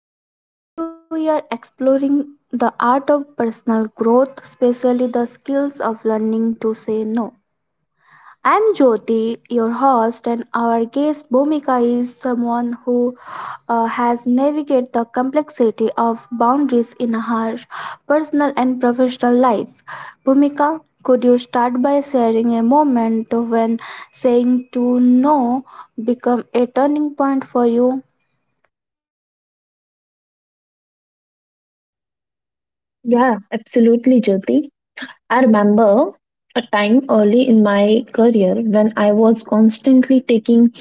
of Life. Today we are exploring the art of personal growth, especially the skills of learning to say no. I am Jyoti, your host, and our guest Bhumika is someone who has navigated the complexity of boundaries in her personal and professional life. Bhumika, could you start by sharing a moment when saying to no become a turning point for you? Yeah, absolutely, Jyoti. I remember a time early in my career when I was constantly taking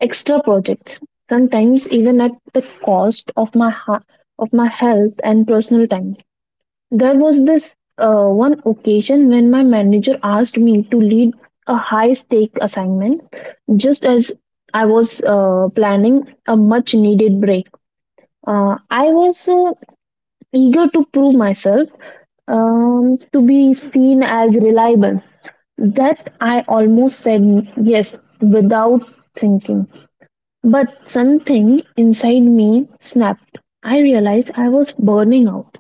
extra projects, sometimes even at the cost of my of my health and personal time. There was this one occasion when my manager asked me to lead a high stake assignment just as I was planning a much needed break. I was eager to prove myself, to be seen as reliable. That I almost said yes without thinking. But something inside me snapped. I realized I was burning out.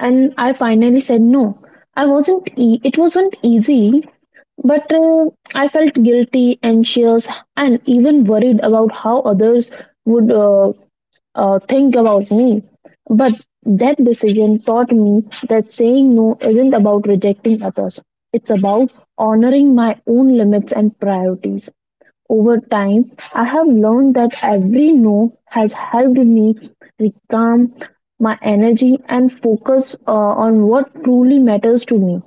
And I finally said no. I wasn't e- it wasn't easy, but I felt guilty, anxious, and even worried about how others would, think about me. But that decision taught me that saying no isn't about rejecting others, it's about honoring my own limits and priorities. Over time, I have learned that every no has helped me recalm my energy and focus on what truly matters to me.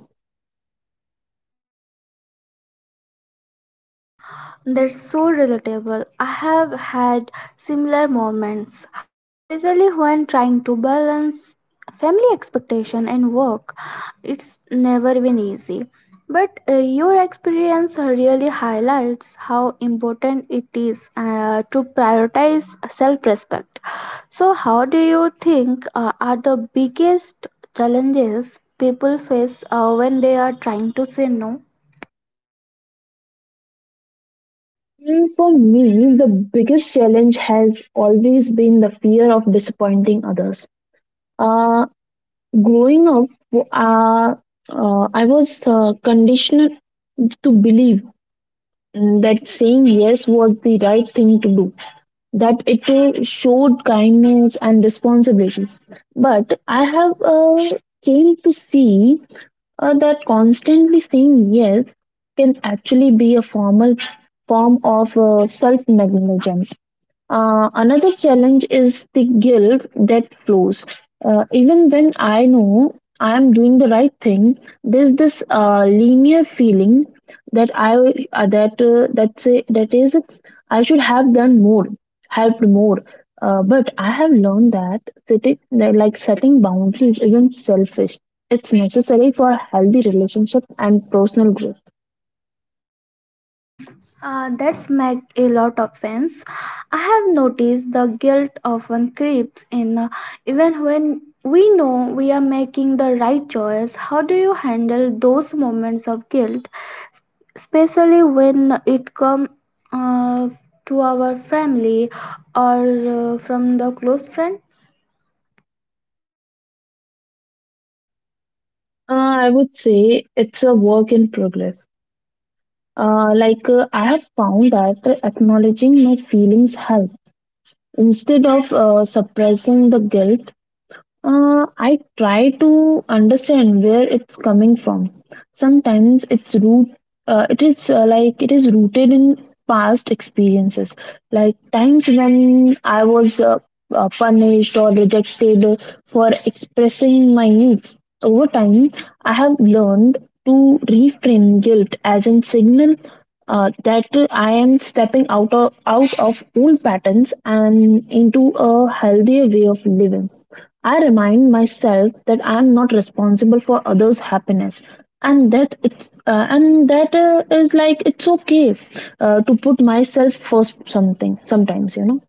That's so relatable. I have had similar moments, especially when trying to balance family expectation and work. It's never been easy. But your experience really highlights how important it is to prioritize self respect. So, how do you think are the biggest challenges people face when they are trying to say no? And For me, the biggest challenge has always been the fear of disappointing others. Uh, Growing up, uh, I was conditioned to believe, that saying yes was the right thing to do, that it showed kindness and responsibility. But I have, came to see that constantly saying yes can actually be a formal form of self negligence. Another challenge is the guilt that flows. Even when I know I'm doing the right thing, there's this linear feeling that I that that say that is I should have done more, helped more. But I have learned that setting that like setting boundaries isn't selfish. It's necessary for healthy relationship and personal growth. That's make a lot of sense. I have noticed the guilt often creeps in, even when we know we are making the right choice. How do you handle those moments of guilt, especially when it comes uh, to our family or from the close friends? Uh, I would say it's a work in progress. I have found that acknowledging my feelings help instead of suppressing the guilt. I try to understand where it's coming from. Sometimes it's root. It is rooted in past experiences, like times when I was, punished or rejected for expressing my needs. Over time, I have learned to reframe guilt as a signal that I am stepping out of old patterns and into a healthier way of living. I remind myself that I am not responsible for others' happiness, and that it's and that is like it's okay to put myself first. Something sometimes.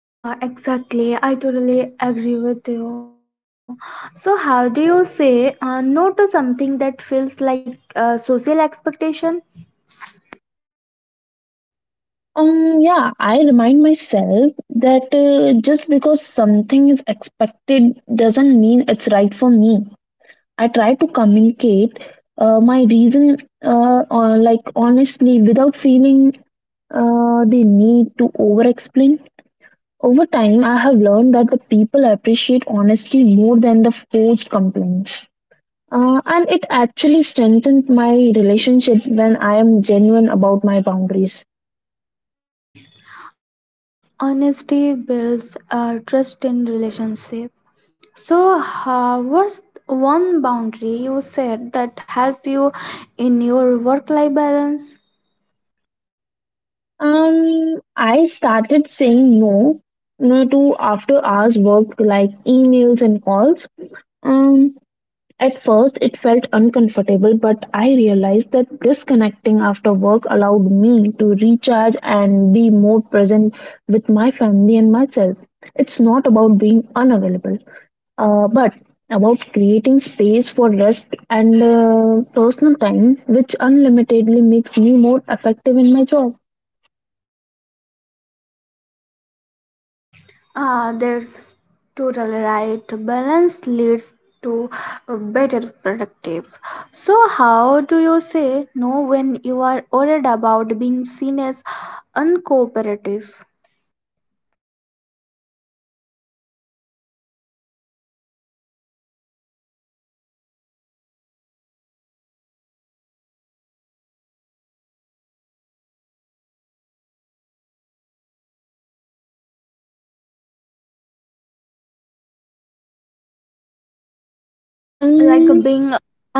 Ah, exactly. I totally agree with you. So, how do you say no to something that feels like a social expectation? Yeah, I remind myself that just because something is expected doesn't mean it's right for me. I try to communicate my reason, or like honestly, without feeling the need to over explain. Over time, I have learned that the people appreciate honesty more than the forced complaints. And it actually strengthened my relationship when I am genuine about my boundaries. Honesty builds trust in relationship. So, how was one boundary you said that help you in your work-life balance? I started saying no, no to after hours work like emails and calls. Um, At first, it felt uncomfortable, but I realized that disconnecting after work allowed me to recharge and be more present with my family and myself. It's not about being unavailable, but about creating space for rest and personal time, which unlimitedly makes me more effective in my job. Ah, there's total right. Balance leads to a better productive. So, how do you say no when you are worried about being seen as uncooperative? Like Um, being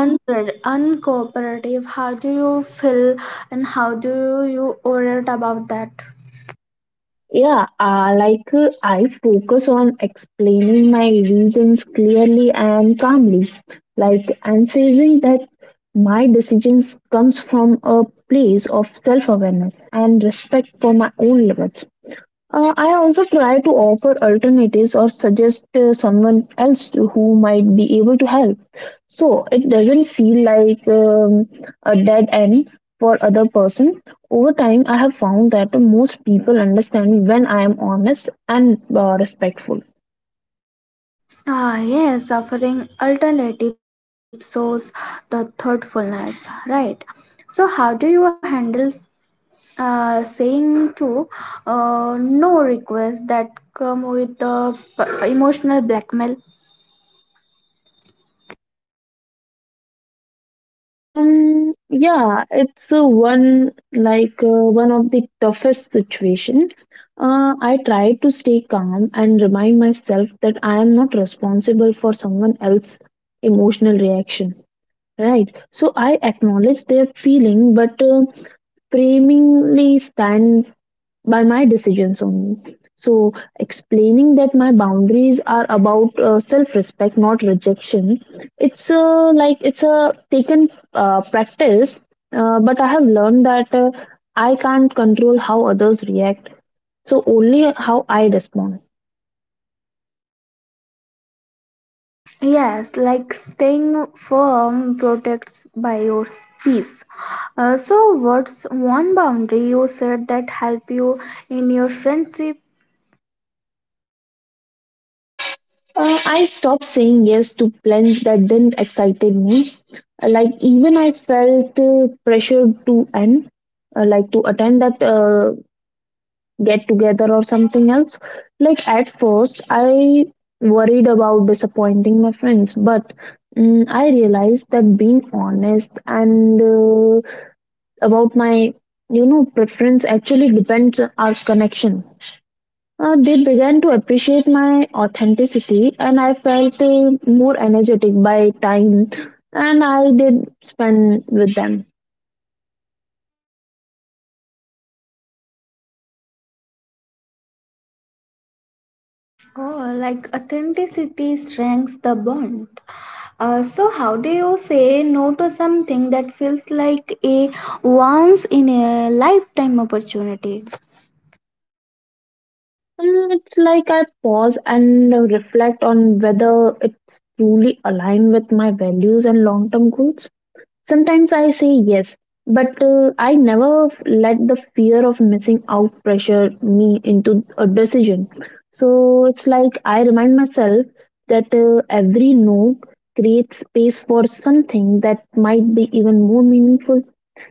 uncooperative, how do you feel and how do you orate about that? I focus on explaining my reasons clearly and calmly. Like emphasizing that my decisions comes from a place of self-awareness and respect for my own limits. I also try to offer alternatives or suggest someone who might be able to help. So it doesn't feel like, a dead end for other person. Over time, I have found that most people understand when I am honest and respectful. Ah, yes, offering alternative shows the thoughtfulness, right? So how do you handle saying to no requests that come with the emotional blackmail? Yeah, it's one like one of the toughest situation. I try to stay calm and remind myself that I am not responsible for someone else's emotional reaction. Right. So I acknowledge their feeling, but framingly stand by my decisions only. So, explaining that my boundaries are about self respect, not rejection, it's a taken practice, but I have learned that, I can't control how others react, so only how I respond. Yes, like staying firm protects by your peace. So, what's one boundary you said that help you in your friendship? I stopped saying yes to plans that didn't excited me. Like even I felt pressured to end, like to attend that, get together or something else. Like at first, I worried about disappointing my friends, but, I realized that being honest and about my preference actually depends on our connection. They began to appreciate my authenticity, and I felt more energetic by time. And I did spend with them. Oh, like authenticity strengthens the bond. So, how do you say no to something that feels like a once in a lifetime opportunity? It's like I pause and reflect on whether it's truly aligned with my values and long term goals. Sometimes I say yes, but I never let the fear of missing out pressure me into a decision. So it's like I remind myself that every no creates space for something that might be even more meaningful.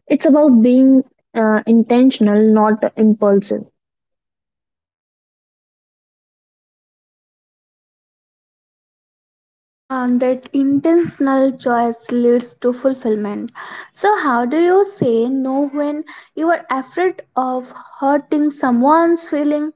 It's about being, intentional, not impulsive. That intentional choice leads to fulfillment. So, how do you say no when you are afraid of hurting someone's feeling?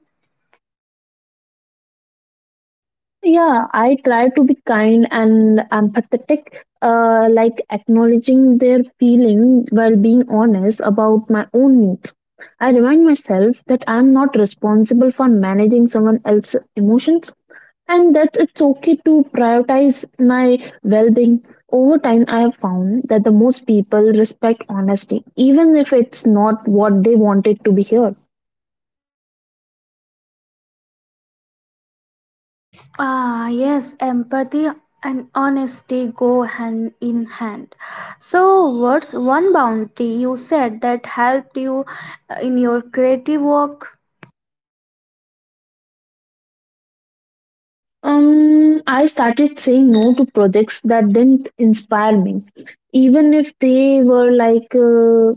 Yeah, I try to be kind and empathetic, acknowledging their feeling while being honest about my own needs. I remind myself that I am not responsible for managing someone else's emotions and that it's okay to prioritize my well being. Over time, I have found that the most people respect honesty, even if it's not what they wanted to be heard. Ah, yes, empathy and honesty go hand in hand. So, what's one boundary you said that helped you in your creative work? I started saying no to projects that didn't inspire me, even if they were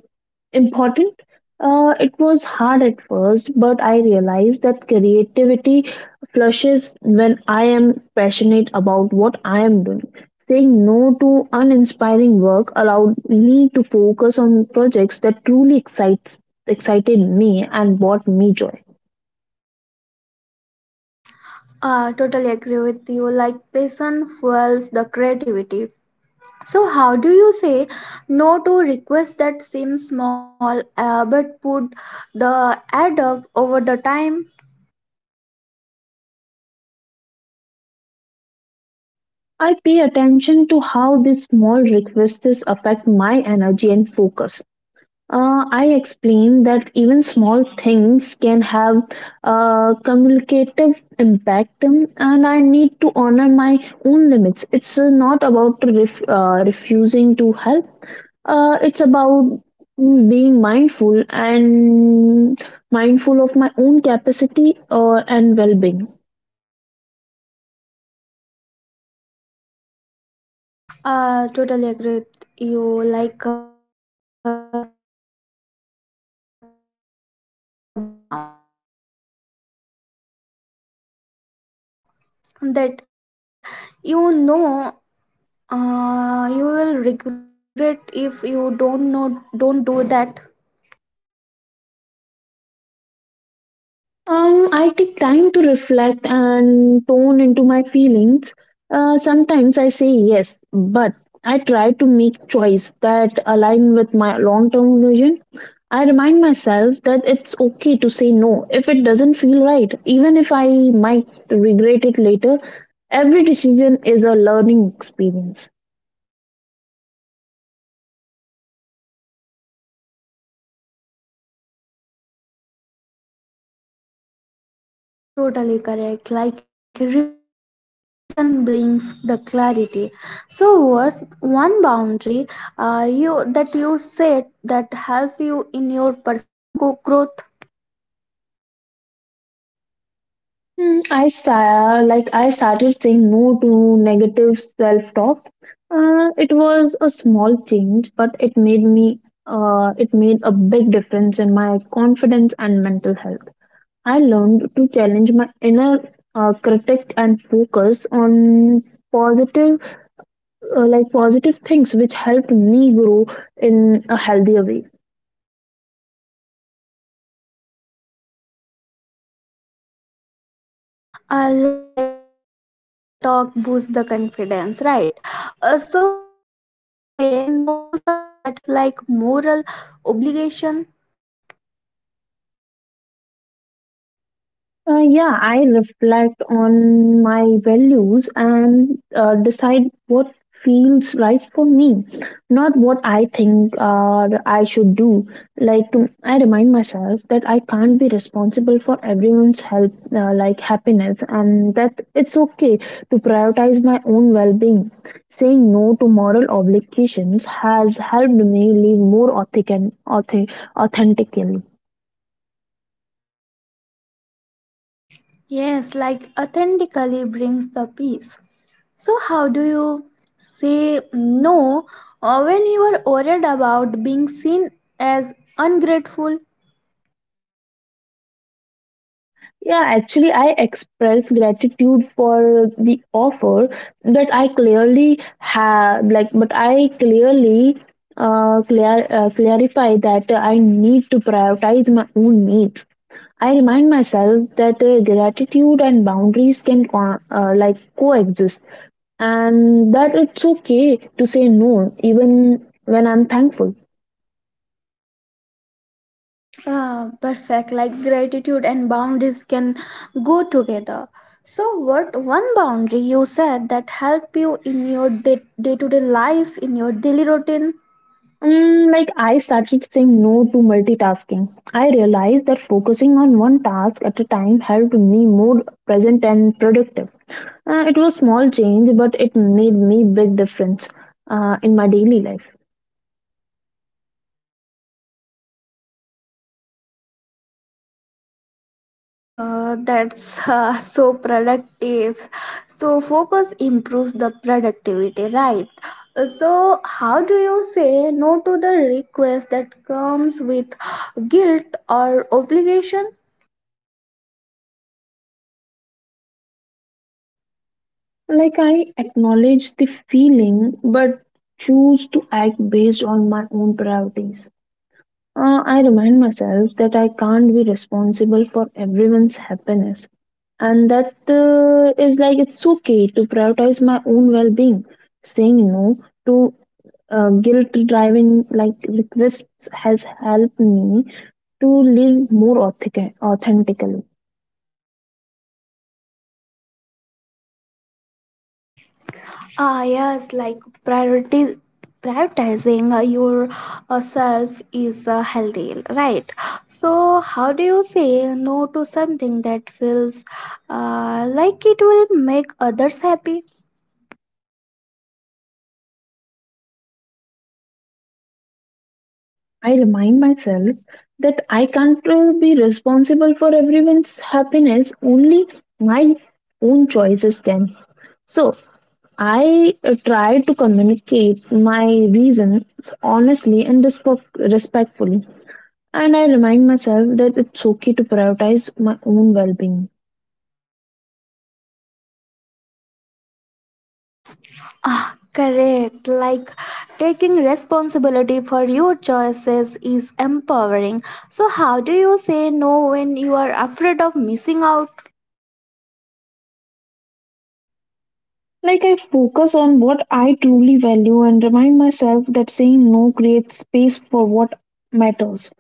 important. It was hard at first, but I realized that creativity flushes when I am passionate about what I am doing. Saying no to uninspiring work allowed me to focus on projects that excited me and brought me joy. Totally agree with you. Like, passion fuels the creativity. So, how do you say no to requests that seem small but put the add up over the time? I pay attention to how these small requests affect my energy and focus. I explain that even small things can have a cumulative impact, and I need to honor my own limits. It's not about refusing to help, it's about being mindful and mindful of my own capacity and well being. Totally agree with you. Like, mindfulness prevents the burnout. So, how do you say no to something that you know you will regret if you don't do that? I take time to reflect and tone into my feelings. Sometimes I say yes, but I try to make choice that align with my long-term vision. I remind myself that it's okay to say no if it doesn't feel right, even if I might regret it later. Every decision is a learning experience. Ah, well, that's totally correct. Like reflection brings the clarity. So, what's one boundary you that you set that help you in your personal growth? I started saying no to negative self-talk. It was a small change, but it made a big difference in my confidence and mental health. I learned to challenge my inner critic and focus on positive, positive things which helped me grow in a healthier way. Like positive self-talk boosts the confidence, right? So, how do you say no to something that feels like moral obligation? Yeah, I reflect on my values and decide what feels right for me, not what I think I should do. Like to, I remind myself that I can't be responsible for everyone's health, happiness, and that it's okay to prioritize my own well-being. Saying no to moral obligations has helped me live more authentically. Yes, like authentically brings the peace. So, how do you say no when you are worried about being seen as ungrateful? Yeah, actually, I express gratitude for the offer that I clearly have, like, but I clearly, clarify that I need to prioritize my own needs. I remind myself that gratitude and boundaries can coexist, and that it's okay to say no even when I'm thankful. Perfect, like gratitude and boundaries can go together. So, what one boundary you said that help you in your day to day life, in your daily routine? I started saying no to multitasking. I realized that focusing on one task at a time helped me more present and productive. It was small change, but it made me big difference in my daily life. Oh, that's so productive. So focus improves the productivity, right? So how do you say no to the request that comes with guilt or obligation? Like I acknowledge the feeling, but choose to act based on my own priorities. I remind myself that I can't be responsible for everyone's happiness, and that is like it's okay to prioritize my own well being. Saying no to guilt driving like requests has helped me to live more authentically. Ah, yes, like priorities. Prioritizing your self is healthy, right? So, how do you say no to something that feels like it will make others happy? I remind myself that I can't be responsible for everyone's happiness, only my own choices can. So I try to communicate my reasons honestly and respectfully. And I remind myself that it's okay to prioritize my own well being. Ah, correct. Like taking responsibility for your choices is empowering. So, how do you say no when you are afraid of missing out? Like, I focus on what I truly value and remind myself that saying no creates space for what matters.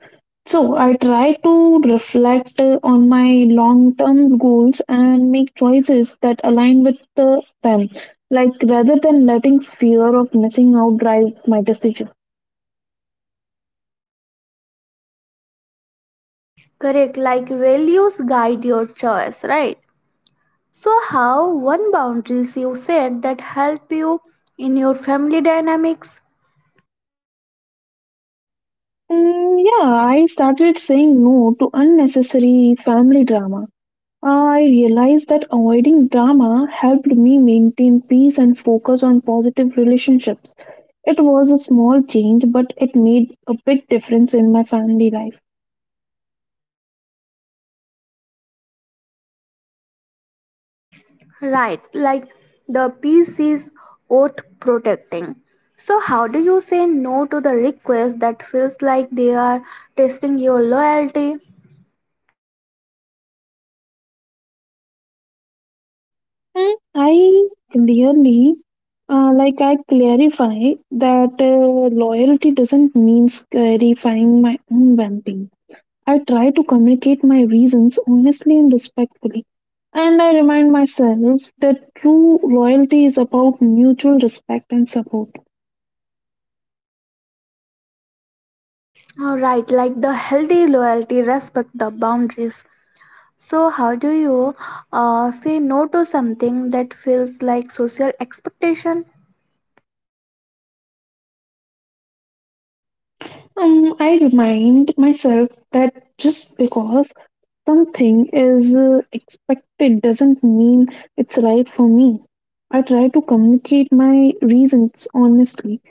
So I try to reflect on my long-term goals and make choices that align with them, like rather than letting fear of missing out drive my decision. Correct. Like values guide your choice, right? So, how one boundaries you set that help you in your family dynamics? Yeah, I started saying no to unnecessary family drama. I realized that avoiding drama helped me maintain peace and focus on positive relationships. It was a small change, but it made a big difference in my family life. Right. Like the peace is worth protecting. So, how do you say no to the request that feels like they are testing your loyalty? And I clearly, I clarify that loyalty doesn't mean clarifying my own vamping. I try to communicate my reasons honestly and respectfully. And I remind myself that true loyalty is about mutual respect and support. All right, like the healthy loyalty respect the boundaries. So, how do you say no to something that feels like social expectation? I remind myself that just because something is expected doesn't mean it's right for me. I try to communicate my reasons honestly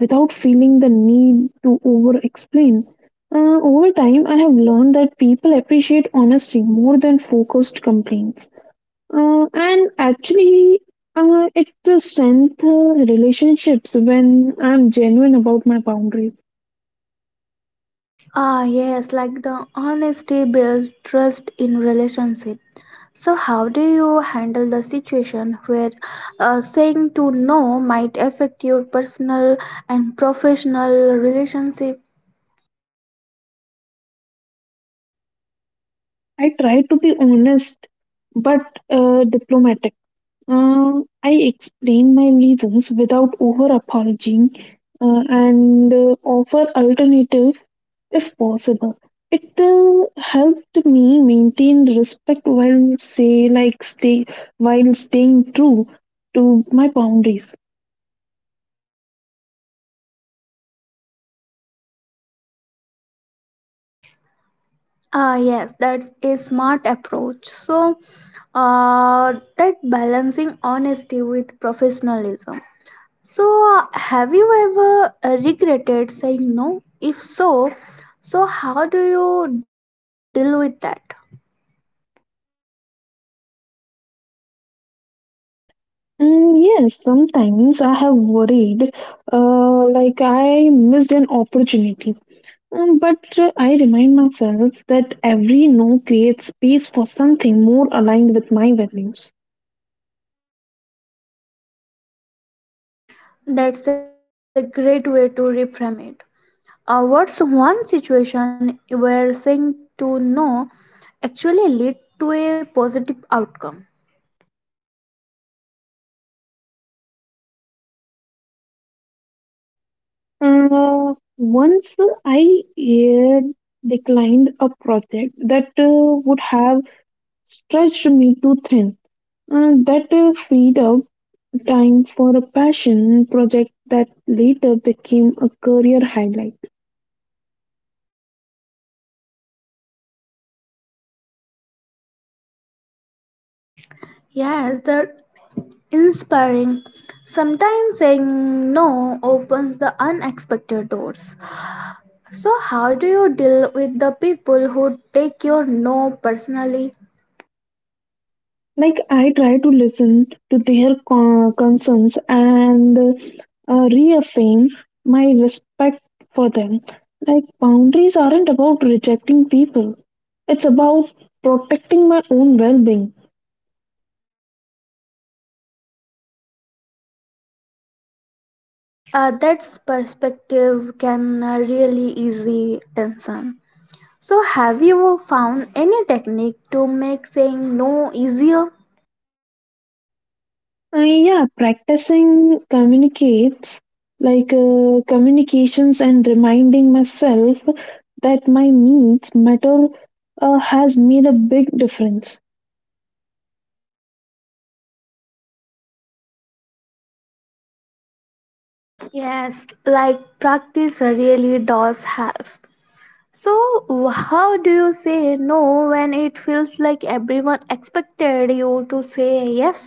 without feeling the need to over explain. Over time, I have learned that people appreciate honesty more than focused complaints. And actually, it strengthens relationships when I'm genuine about my boundaries. Ah, yes, like the honesty builds trust in relationship. So, how do you handle the situation where saying to no might affect your personal and professional relationship? I try to be honest but diplomatic. I explain my reasons without over apologizing, and offer alternative if possible. It helped me maintain respect while say like stay while staying true to my boundaries. Ah, yes, that's a smart approach. So, that balancing honesty with professionalism. So, have you ever regretted saying no? If so, so how do you deal with that? Mm, yes, sometimes I have worried, I missed an opportunity. Mm. But I remind myself that every no creates space for something more aligned with my values. That's a great way to reframe it. What's one situation where saying to no actually lead to a positive outcome? Once I declined a project that would have stretched me too thin. That freed up time for a passion project that later became a career highlight. Yes, that inspiring. Sometimes saying no opens the unexpected doors. So, how do you deal with the people who take your no personally? Like, I try to listen to their concerns and reaffirm my respect for them. Like, boundaries aren't about rejecting people; it's about protecting my own well-being. That's perspective can really easy tension. So, have you found any technique to make saying no easier? Yeah, practicing communicates like communications and reminding myself that my needs matter has made a big difference. Yes, like practice really does help. So, how do you say no when it feels like everyone expected you to say yes?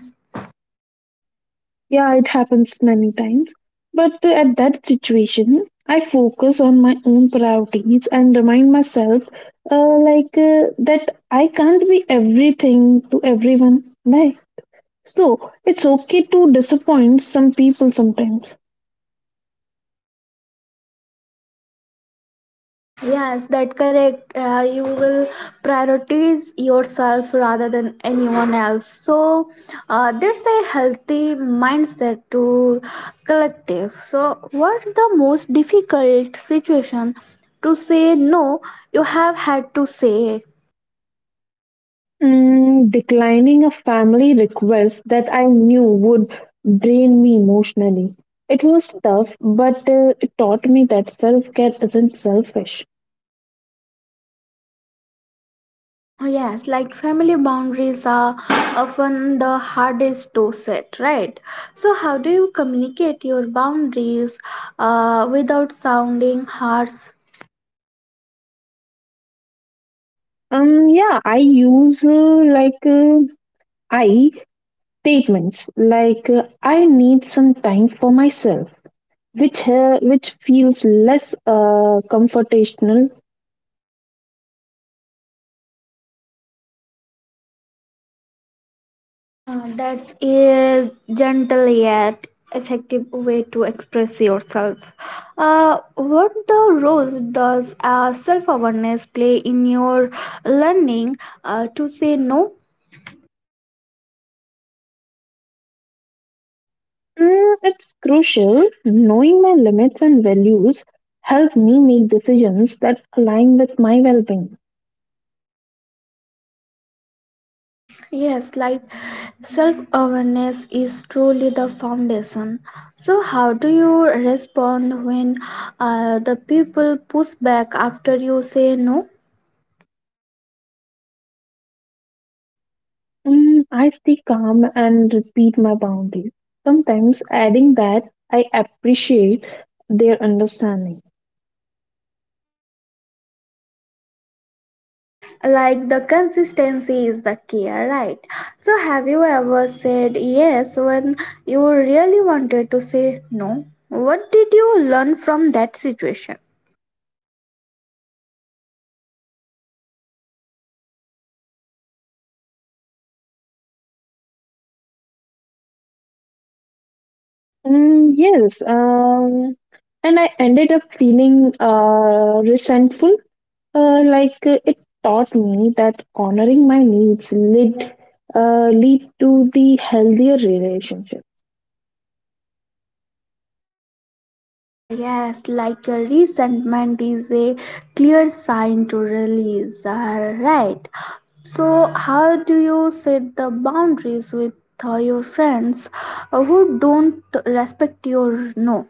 Yeah, it happens many times, but at that situation, I focus on my own priorities and remind myself that I can't be everything to everyone, right? So it's okay to disappoint some people sometimes. Yes, that correct. You will prioritize yourself rather than anyone else. So, there's a healthy mindset to collective. So, what's the most difficult situation to say no you have had to say? Mm, declining a family request that I knew would drain me emotionally. It was tough, but it taught me that self care isn't selfish. Oh, yes, like family boundaries are often the hardest to set, right? So, how do you communicate your boundaries without sounding harsh? Yeah, I use I statements like, I need some time for myself, which feels less comfortational. That's a gentle yet effective way to express yourself. What the roles does self awareness play in your learning to say no? Mm, it's crucial. Knowing my limits and values help me make decisions that align with my well-being. Yes, like self awareness is truly the foundation. So, how do you respond when the people push back after you say no? Mm, I stay calm and repeat my boundaries, sometimes adding that I appreciate their understanding. Like the consistency is the key, right? So, have you ever said yes when you really wanted to say no? What did you learn from that situation? Mm, yes, and I ended up feeling resentful. It taught me that honoring my needs led lead to the healthier relationship. Ah, yes, like a resentment is a clear sign to release, ah, right? So, how do you set the boundaries with your friends who don't respect your no?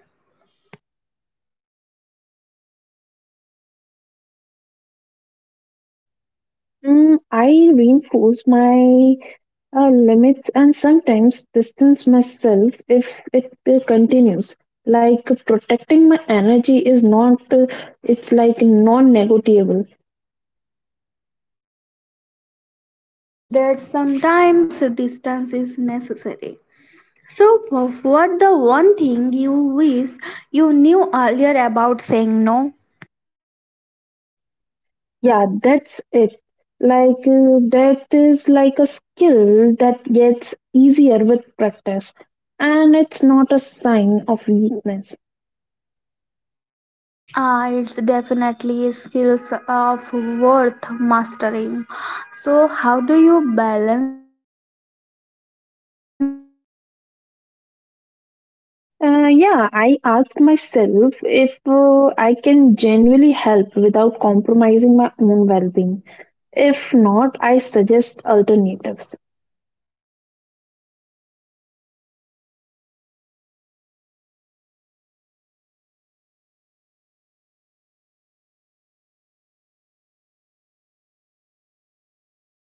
Mm, I reinforce my limits and sometimes distance myself if it continues. Like, protecting my energy is not, it's like non negotiable. That sometimes distance is necessary. So, what the one thing you wish you knew earlier about saying no? Yeah, that's it. That is like a skill that gets easier with practice, and it's not a sign of weakness. It's definitely skills of worth mastering. So, how do you balance being supportive with setting boundaries? Yeah, I asked myself if I can genuinely help without compromising my own well being. If not, I suggest alternatives. That's a thoughtful way to support others. So, how what's the most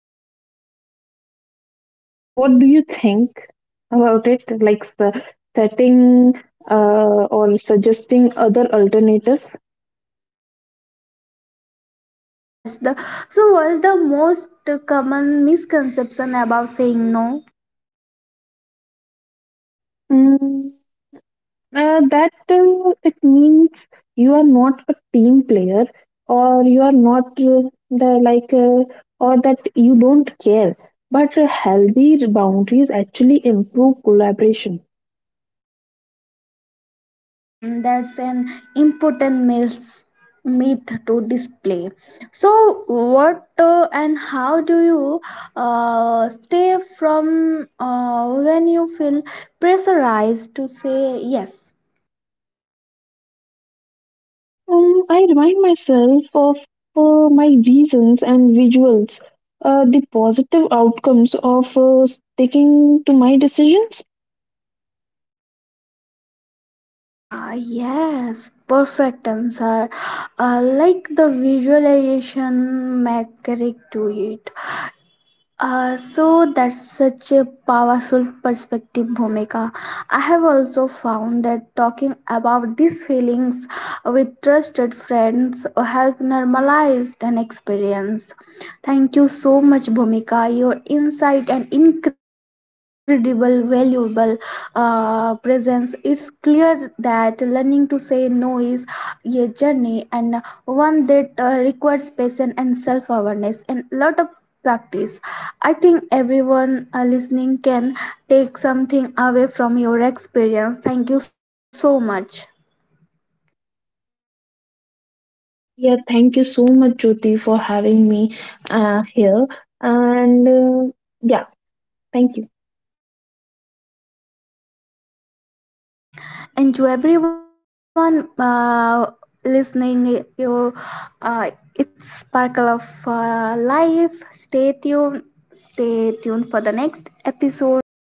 common So, misconception what do you about saying think no? about it? Like, setting uh, or suggesting other alternatives? Yes, the so what's the most common misconception about saying no? Mm. That it means you are not a team player or you are not, the like or that you don't care, but healthy boundaries actually improve collaboration. Mm, that's an important myth to display. So what and How do you stay from when you feel pressurized to say yes? I remind myself of my reasons and visuals the positive outcomes of sticking to my decisions. Ah, yes, perfect answer. Uh, like the visualization mechanic to it. So that's such a powerful perspective, Bhumika. I have also found that talking about these feelings with trusted friends help normalize an experience. Thank you so much, Bhumika. Your insight and incredible, valuable presence. It's clear that learning to say no is a journey and one that requires patience and self awareness and lot of practice. I think everyone listening can take something away from your experience. Thank you so much. Yeah, thank you so much, Jyoti, for having me here, and yeah, thank you. And to everyone listening you uh, it's sparkle of life. Stay tuned, stay tuned for the next episode.